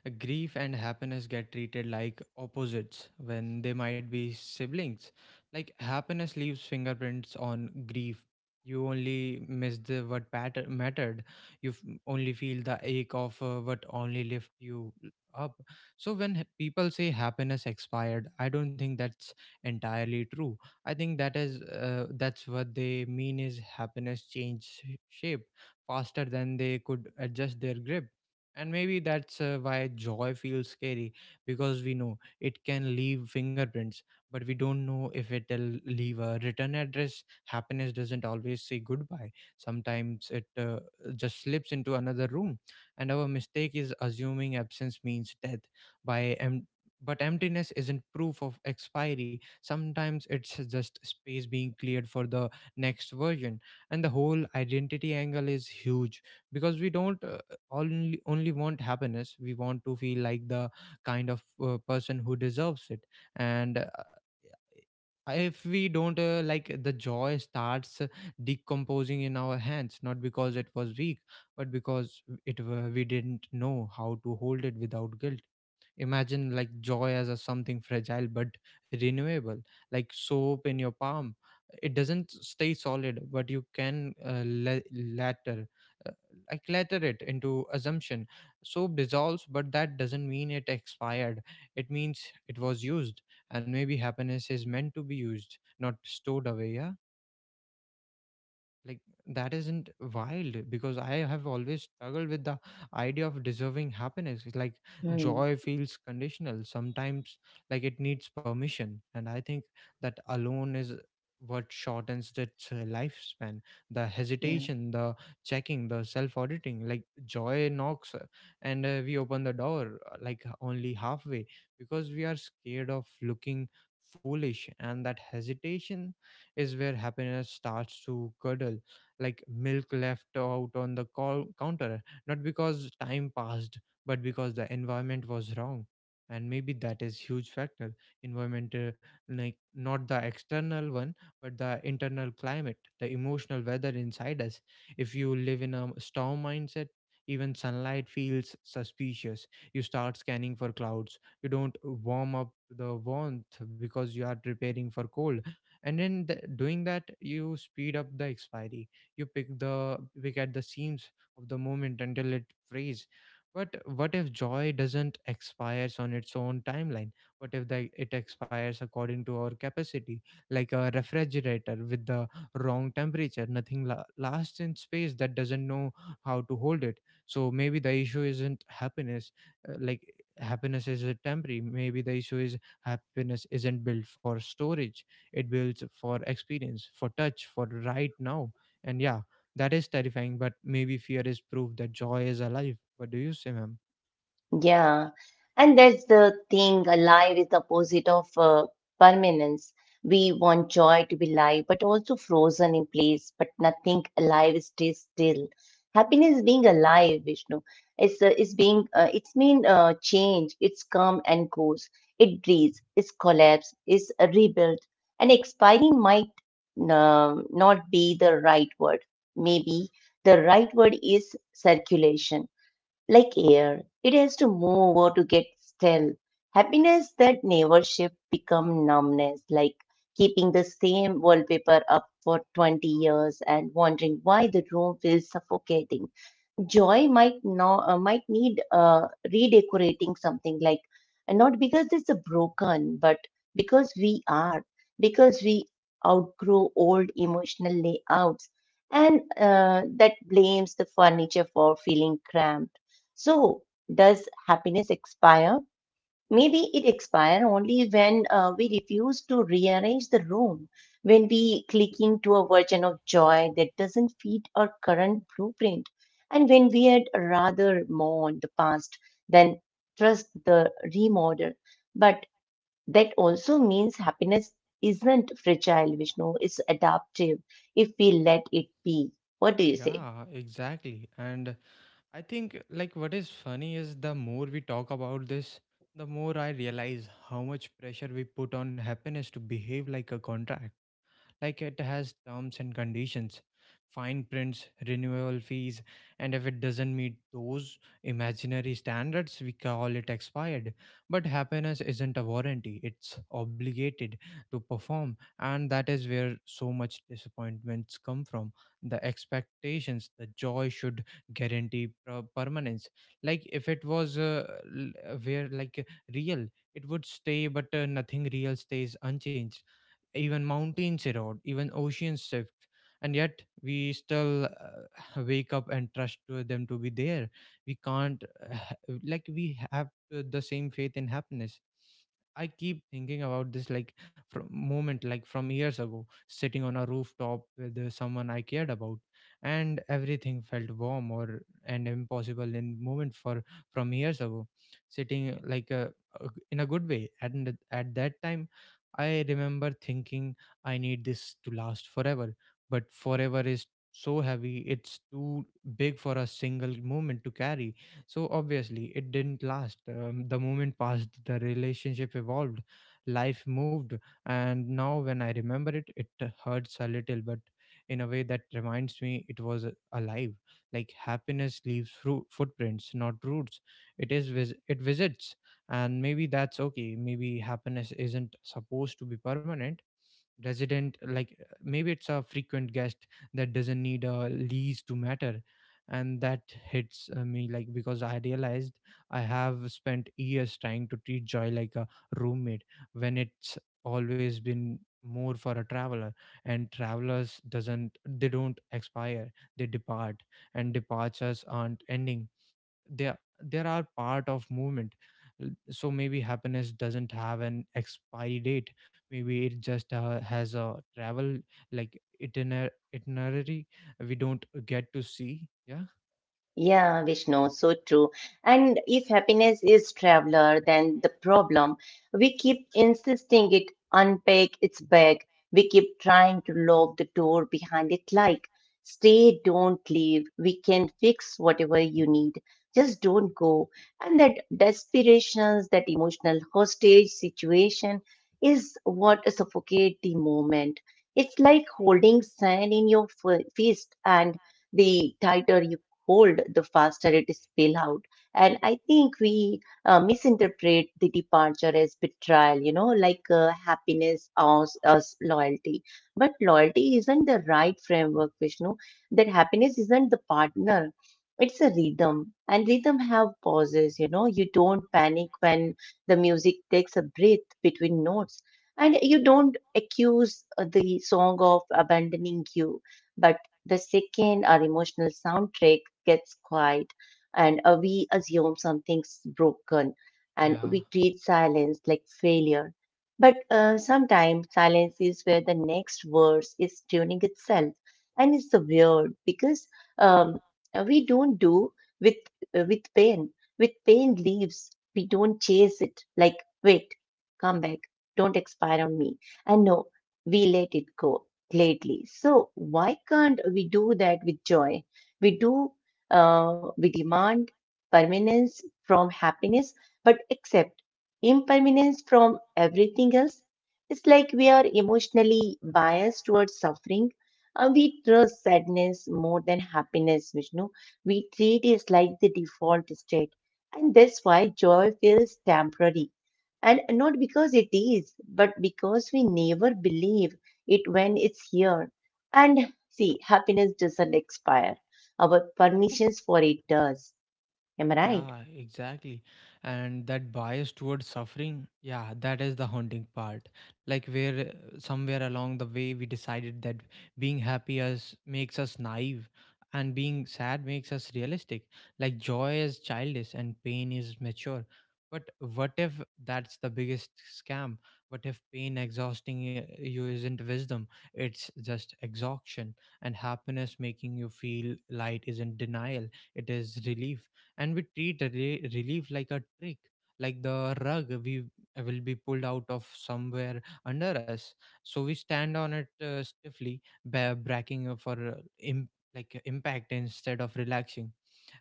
grief and happiness get treated like opposites when they might be siblings. Like happiness leaves fingerprints on grief. You only miss the mattered. You only feel the ache of what only lifted you up. So when people say happiness expired, I don't think that's entirely true. I think that is that's what they mean is happiness changed shape faster than they could adjust their grip. And maybe that's why joy feels scary, because we know it can leave fingerprints, but we don't know if it'll leave a return address. Happiness doesn't always say goodbye, sometimes it just slips into another room. And our mistake is assuming absence means death by em- but emptiness isn't proof of expiry. Sometimes it's just space being cleared for the next version. And the whole identity angle is huge because we don't only want happiness, we want to feel like the kind of person who deserves it. And If we don't, the joy starts decomposing in our hands, not because it was weak, but because we didn't know how to hold it without guilt. Imagine like joy as a something fragile but renewable, like soap in your palm. It doesn't stay solid, but you can latter, uh, latter it into assumption. Soap dissolves, but that doesn't mean it expired. It means it was used, and maybe happiness is meant to be used, not stored away. Yeah, like that isn't wild because I have always struggled with the idea of deserving happiness. It's like
Hmm.
joy feels conditional sometimes, like it needs permission, and I think that alone is what shortens its lifespan. The
Yeah.
hesitation, the checking, the self auditing, like joy knocks, and we open the door like only halfway because we are scared of looking foolish. And that hesitation is where happiness starts to curdle, like milk left out on the counter, not because time passed, but because the environment was wrong. And maybe that is huge factor. Environment, like not the external one, but the internal climate, the emotional weather inside us. If you live in a storm mindset, even sunlight feels suspicious. You start scanning for clouds. You don't warm up the warmth because you are preparing for cold, and then doing that you speed up the expiry. You pick the pick at the seams of the moment until it frees. But what if joy doesn't expires on its own timeline? What if it expires according to our capacity, like a refrigerator with the wrong temperature? Nothing lasts in space that doesn't know how to hold it. So maybe the issue isn't happiness. uh, like Happiness is a temporary. Maybe the issue is happiness isn't built for storage, it builds for experience, for touch, for right now. And yeah, that is terrifying, but maybe fear is proof that joy is alive. What do you say, ma'am?
Yeah, and that's the thing. Life is the opposite of permanence. We want joy to be live, but also frozen in place, but nothing alive stays still. Happiness being alive, Vishnu, it's being it's mean change. It's come and goes. It breathes. It's collapse. It's rebuilt. And expiring might not be the right word. Maybe the right word is circulation, like air, it has to move over to get still. Happiness that never shift become numbness, like keeping the same wallpaper up for 20 years and wondering why the room feels suffocating. Joy might not might need redecorating something, like, and not because it's a broken, but because we are because we outgrow old emotional layouts, and that blames the furniture for feeling cramped. So does happiness expire? Maybe it expires only when we refuse to rearrange the room, when we cling to a version of joy that doesn't fit our current blueprint, and when we had rather mourn the past than trust the remodel. But that also means happiness isn't fragile, Vishnu, it's adaptive if we let it be. What do you say?
Yeah, exactly. And I think like what is funny is the more we talk about this, the more I realize how much pressure we put on happiness to behave like a contract. Like it has terms and conditions, fine prints, renewal fees, and if it doesn't meet those imaginary standards, we call it expired. But happiness isn't a warranty, it's obligated to perform, and that is where so much disappointments come from. The expectations, the joy should guarantee permanence. Like if it was l- where like real, it would stay, but nothing real stays unchanged. Even mountains erode, even oceans shift, and yet we still wake up and trust to them to be there. We can't, like, we have the same faith in happiness. I keep thinking about this like from moment like from years ago, sitting on a rooftop with someone I cared about, and everything felt warm or and impossible in moment for from years ago, sitting like a in a good way. And at that time, I remember thinking I need this to last forever, but forever is so heavy, it's too big for a single moment to carry. So obviously, it didn't last. The moment passed, the relationship evolved, life moved, and now when I remember it, it hurts a little, but in a way that reminds me it was alive. Like happiness leaves footprints, not roots. It it visits. And maybe that's okay. Maybe happiness isn't supposed to be permanent resident. Maybe it's a frequent guest that doesn't need a lease to matter. And that hits me like because I realized I have spent years trying to treat joy like a roommate when it's always been more for a traveler. And travelers doesn't they don't expire, they depart. And departures aren't ending, there are part of movement. So maybe happiness doesn't have an expiry date. Maybe it just has a travel like itinerary we don't get to see. Yeah.
Yeah, Vishnu, so true. And if happiness is traveler, then the problem, we keep insisting it unpack its bag. We keep trying to lock the door behind it like, stay, don't leave. We can fix whatever you need. Just don't go. And that desperations, that emotional hostage situation is what suffocate the moment. It's like holding sand in your fist, and the tighter hold, the faster it spills out. And I think we misinterpret the departure as betrayal, you know, like happiness as loyalty. But loyalty isn't the right framework, Vishnu. That happiness isn't the partner. It's a rhythm, and rhythm have pauses. You know, you don't panic when the music takes a breath between notes, and you don't accuse the song of abandoning you. But the second, our emotional soundtrack gets quiet and we assume something's broken and
Yeah.
we treat silence like failure. But sometimes silence is where the next verse is tuning itself, and it's weird because um, we don't do with with pain. With pain leaves, we don't chase it. Like, wait, come back, don't expire on me. And no, we let it go lately. So why can't we do that with joy? We do. We demand permanence from happiness, but accept impermanence from everything else. It's like we are emotionally biased towards suffering, and we trust sadness more than happiness, Vishnu. We treat it like the default state. And that's why joy feels temporary. And not because it is, but because we never believe it when it's here. And see, happiness doesn't expire. Our permissions for it does. Am I right?
Yeah, exactly. And that bias towards suffering, yeah, that is the haunting part. Like where somewhere along the way we decided that being happy us makes us naive and being sad makes us realistic. Like joy is childish and pain is mature. But what if that's the biggest scam? What if pain exhausting you isn't wisdom? It's just exhaustion. And happiness making you feel light isn't denial, it is relief. And we treat relief like a trick, like the rug we will be pulled out of somewhere under us, so we stand on it stiffly bracking for impact instead of relaxing.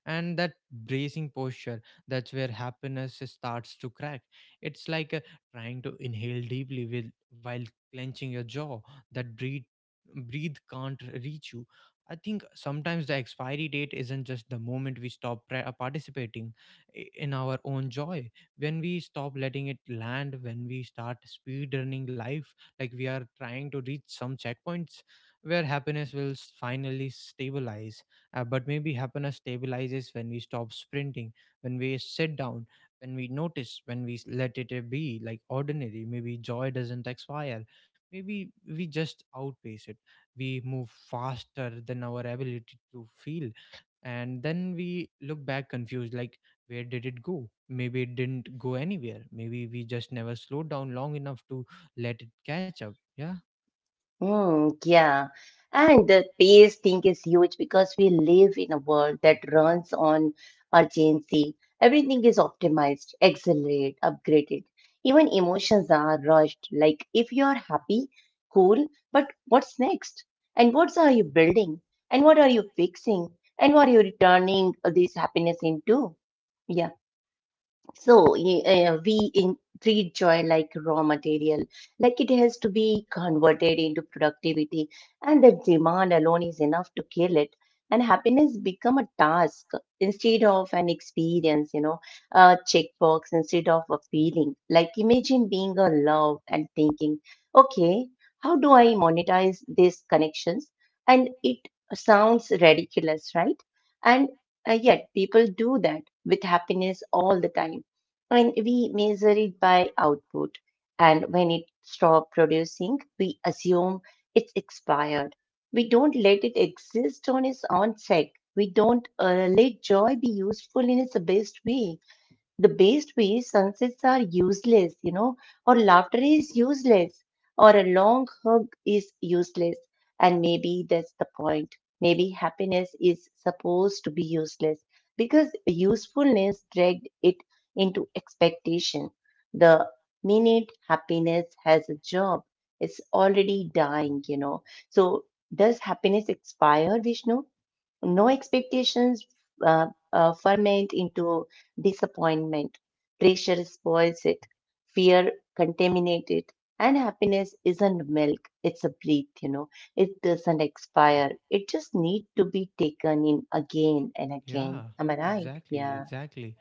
And that bracing posture, that's where happiness starts to crack. It's like trying to inhale deeply with while clenching your jaw. That breathe, breathe can't reach you. I think sometimes the expiry date isn't just the moment we stop participating in our own joy. When we stop letting it land, when we start speedrunning life, like we are trying to reach some checkpoints where happiness will finally stabilize. But maybe happiness stabilizes when we stop sprinting, when we sit down, when we notice, when we let it be like ordinary. Maybe joy doesn't expire. Maybe we just outpace it. We move faster than our ability to feel, and then we look back confused like where did it go? Maybe it didn't go anywhere. Maybe we just never slowed down long enough to let it catch up. Yeah.
Mm, yeah. And the pace thing is huge because we live in a world that runs on urgency. Everything is optimized, accelerated, upgraded. Even emotions are rushed. Like, if you're happy, cool, but what's next? And what are you building? And what are you fixing? And what are you turning this happiness into? Yeah. So we in, treat joy like raw material, like it has to be converted into productivity, and that demand alone is enough to kill it. And happiness become a task instead of an experience, you know, a checkbox instead of a feeling. Like imagine being a love and thinking, okay, how do I monetize these connections? And it sounds ridiculous, right? And yet people do that with happiness all the time, and we measure it by output. And when it stops producing, we assume it's expired. We don't let it exist on its own sake. We don't let joy be useful in its best way, the best way. Sunsets are useless, you know, or laughter is useless, or a long hug is useless. And maybe that's the point. Maybe happiness is supposed to be useless because usefulness dragged it into expectation. The minute happiness has a job, it's already dying, you know. So, does happiness expire, Vishnu? No. Expectations ferment into disappointment. Pressure spoils it. Fear contaminates it. And happiness isn't milk, it's a breath, you know. It doesn't expire. It just needs to be taken in again and
Yeah,
again. Am I right?
exactly,
Yeah.
exactly.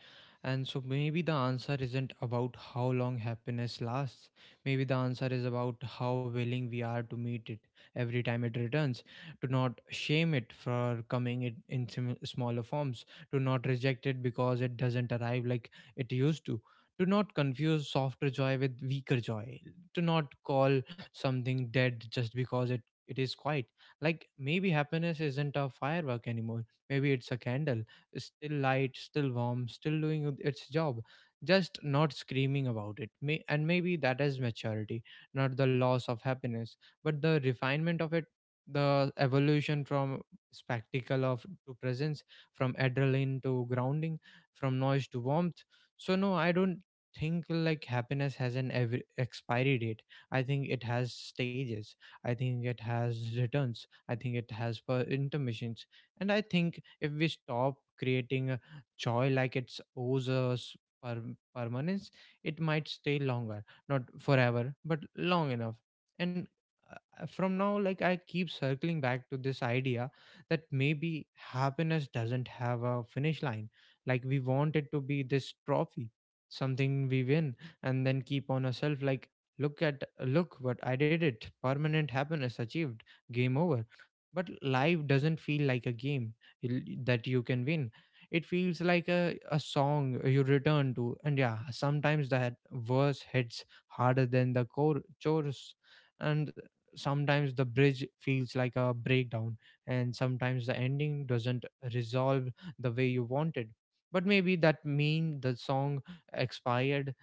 And so maybe the answer isn't about how long happiness lasts. Maybe the answer is about how willing we are to meet it every time it returns, to not shame it for coming it in smaller forms, to not reject it because it doesn't arrive like it used to. To not confuse softer joy with weaker joy, to not call something dead just because it is quiet. Like maybe happiness isn't a firework anymore. Maybe it's a candle, still light, still warm, still doing its job, just not screaming about it. And maybe that is maturity, not the loss of happiness, but the refinement of it, the evolution from spectacle of to presence, from adrenaline to grounding, from noise to warmth. So no, I don't think like happiness has an expiry date. I think it has stages. I think it has returns. I think it has intermissions. And I think if we stop creating joy like it's owes us per- permanence, it might stay longer, not forever, but long enough. And uh, from now, like I keep circling back to this idea that maybe happiness doesn't have a finish line. Like we want it to be this trophy, something we win, and then keep on ourselves like look at look what I did, it permanent happiness achieved, game over. But life doesn't feel like a game that you can win. It feels like a song you return to. And yeah, sometimes that verse hits harder than the chorus. And sometimes the bridge feels like a breakdown. And sometimes the ending doesn't resolve the way you wanted. But maybe that mean the song expired?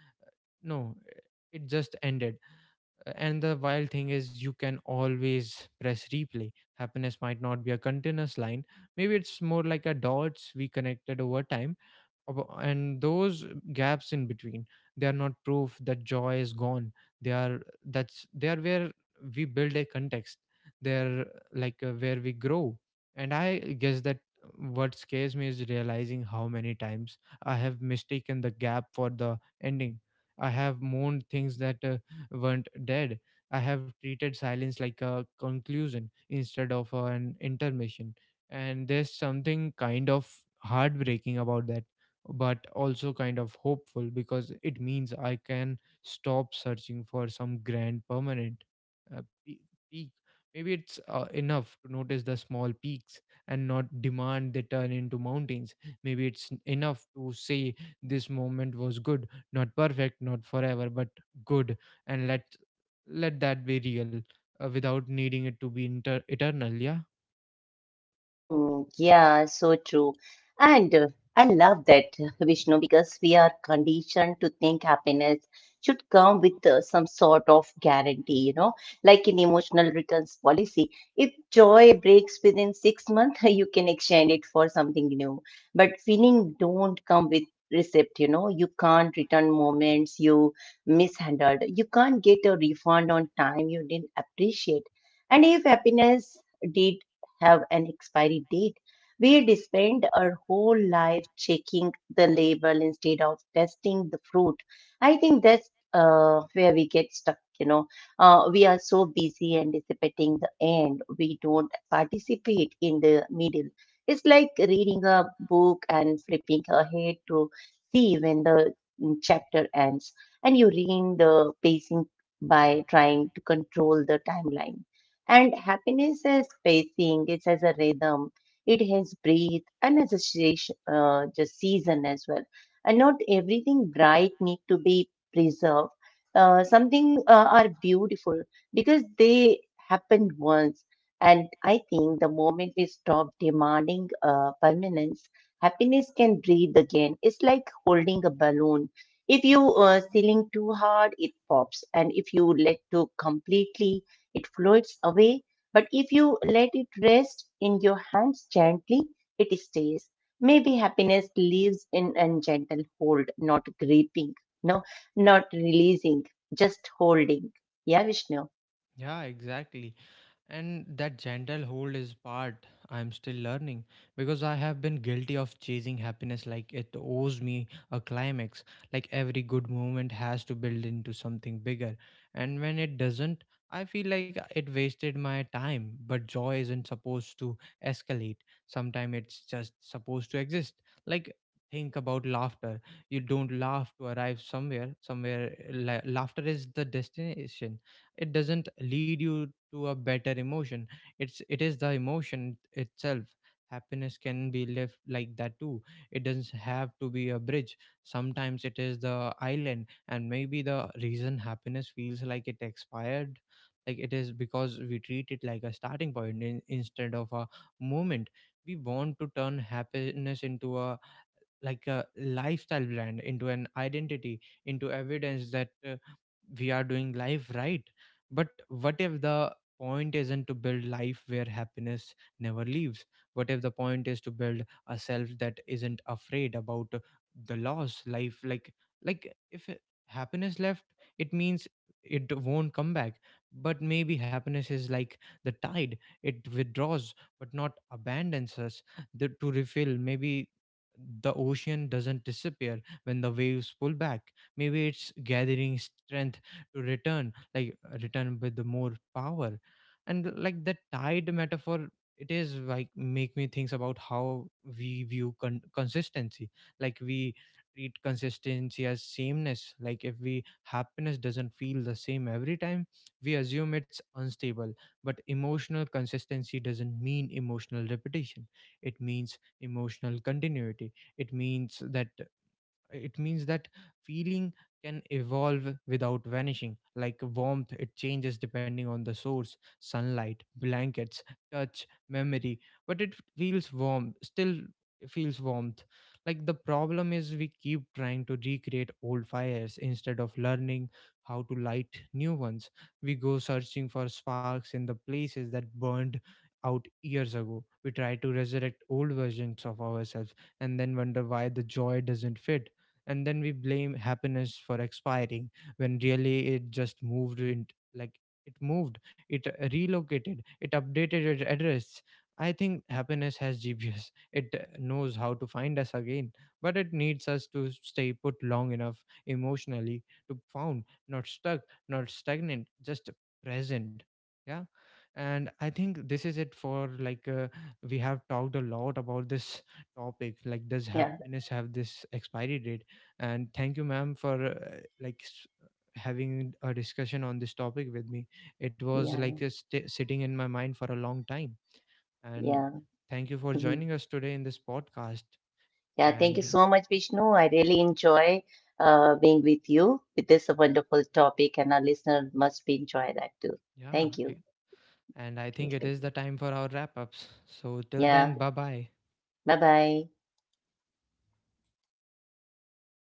No, it just ended. And the wild thing is you can always press replay. Happiness might not be a continuous line. Maybe it's more like a dots we connected over time. And those gaps in between, they are not proof that joy is gone. They are that's they are where we build a context. They're like where we grow. And I guess that, what scares me is realizing how many times I have mistaken the gap for the ending. I have mourned things that weren't dead. I have treated silence like a conclusion instead of an intermission. And there's something kind of heartbreaking about that, but also kind of hopeful, because it means I can stop searching for some grand permanent uh, pe- peak. Maybe it's enough to notice the small peaks and not demand they turn into mountains. Maybe it's enough to say this moment was good, not perfect, not forever, but good, and let that be real without needing it to be eternal. Yeah.
Mm, yeah, so true. And I love that, Vishnu, because we are conditioned to think happiness should come with some sort of guarantee, you know, like an emotional returns policy. If joy breaks within 6 months, you can exchange it for something new. But feeling don't come with receipt, you know, you can't return moments you mishandled. You can't get a refund on time you didn't appreciate. And if happiness did have an expiry date. We did spend our whole life checking the label instead of testing the fruit. I think that's where we get stuck, you know. We are so busy anticipating the end, we don't participate in the middle. It's like reading a book and flipping ahead to see when the chapter ends, and you ruin the pacing by trying to control the timeline. And happiness has pacing, it has a rhythm, it has breathe, and it's a station, just season as well. And not everything bright need to be preserved. Something are beautiful because they happened once. And I think the moment we stop demanding permanence, happiness can breathe again. It's like holding a balloon. If you ceiling too hard, it pops, and if you let to completely it floats away, but if you let it rest in your hands gently, it stays. Maybe happiness lives in a gentle hold, not gripping, no, not releasing, just holding. Yeah, Vishnu.
Yeah, exactly. And that gentle hold is part I'm still learning, because I have been guilty of chasing happiness like it owes me a climax, like every good moment has to build into something bigger. And when it doesn't, I feel like it wasted my time. But joy isn't supposed to escalate, sometimes it's just supposed to exist. Like, think about laughter. You don't laugh to arrive somewhere. Laughter is the destination. It doesn't lead you to a better emotion. It is the emotion itself. Happiness can be left like that too. It doesn't have to be a bridge. Sometimes it is the island. And maybe the reason happiness feels like it expired, like it is because we treat it like a starting point instead of a moment. We want to turn happiness into a like a lifestyle brand, into an identity, into evidence that we are doing life right. But what if the point isn't to build life where happiness never leaves? What if the point is to build a self that isn't afraid about the loss life? Like if happiness left, it means it won't come back. But maybe happiness is like the tide. It withdraws but not abandons us. To refill, maybe. The ocean doesn't disappear when the waves pull back. Maybe it's gathering strength to return, like return with the more power. And like the tide metaphor, it is like make me think about how we view consistency. Like we treat consistency as sameness. Like if we happiness doesn't feel the same every time, we assume it's unstable. But emotional consistency doesn't mean emotional repetition, it means emotional continuity. It means that feeling can evolve without vanishing. Like warmth, it changes depending on the source: sunlight, blankets, touch, memory. But it feels warm still, feels warmth. Like, the problem is we keep trying to recreate old fires instead of learning how to light new ones. We go searching for sparks in the places that burned out years ago. We try to resurrect old versions of ourselves and then wonder why the joy doesn't fit. And then we blame happiness for expiring when really it just moved in. Like, it moved it, relocated it, updated its address. I think happiness has GPS. It knows how to find us again, but it needs us to stay put long enough emotionally to found, not stuck, not stagnant, just present. Yeah. And I think this is it for like we have talked a lot about this topic, like, does
Yeah,
happiness have this expiry date? And thank you, ma'am, for like having a discussion on this topic with me. It was
yeah,
like sitting in my mind for a long time. And
yeah.
thank you for
Mhm.
joining us today in this podcast.
Yeah, thank you
And
so much, Vishnu. I really enjoy being with you with this wonderful topic, and our listener must be enjoy that too. Thank
yeah,
you.
and I think it is the time for our wrap ups, so till
Yeah,
then, bye bye.
bye bye.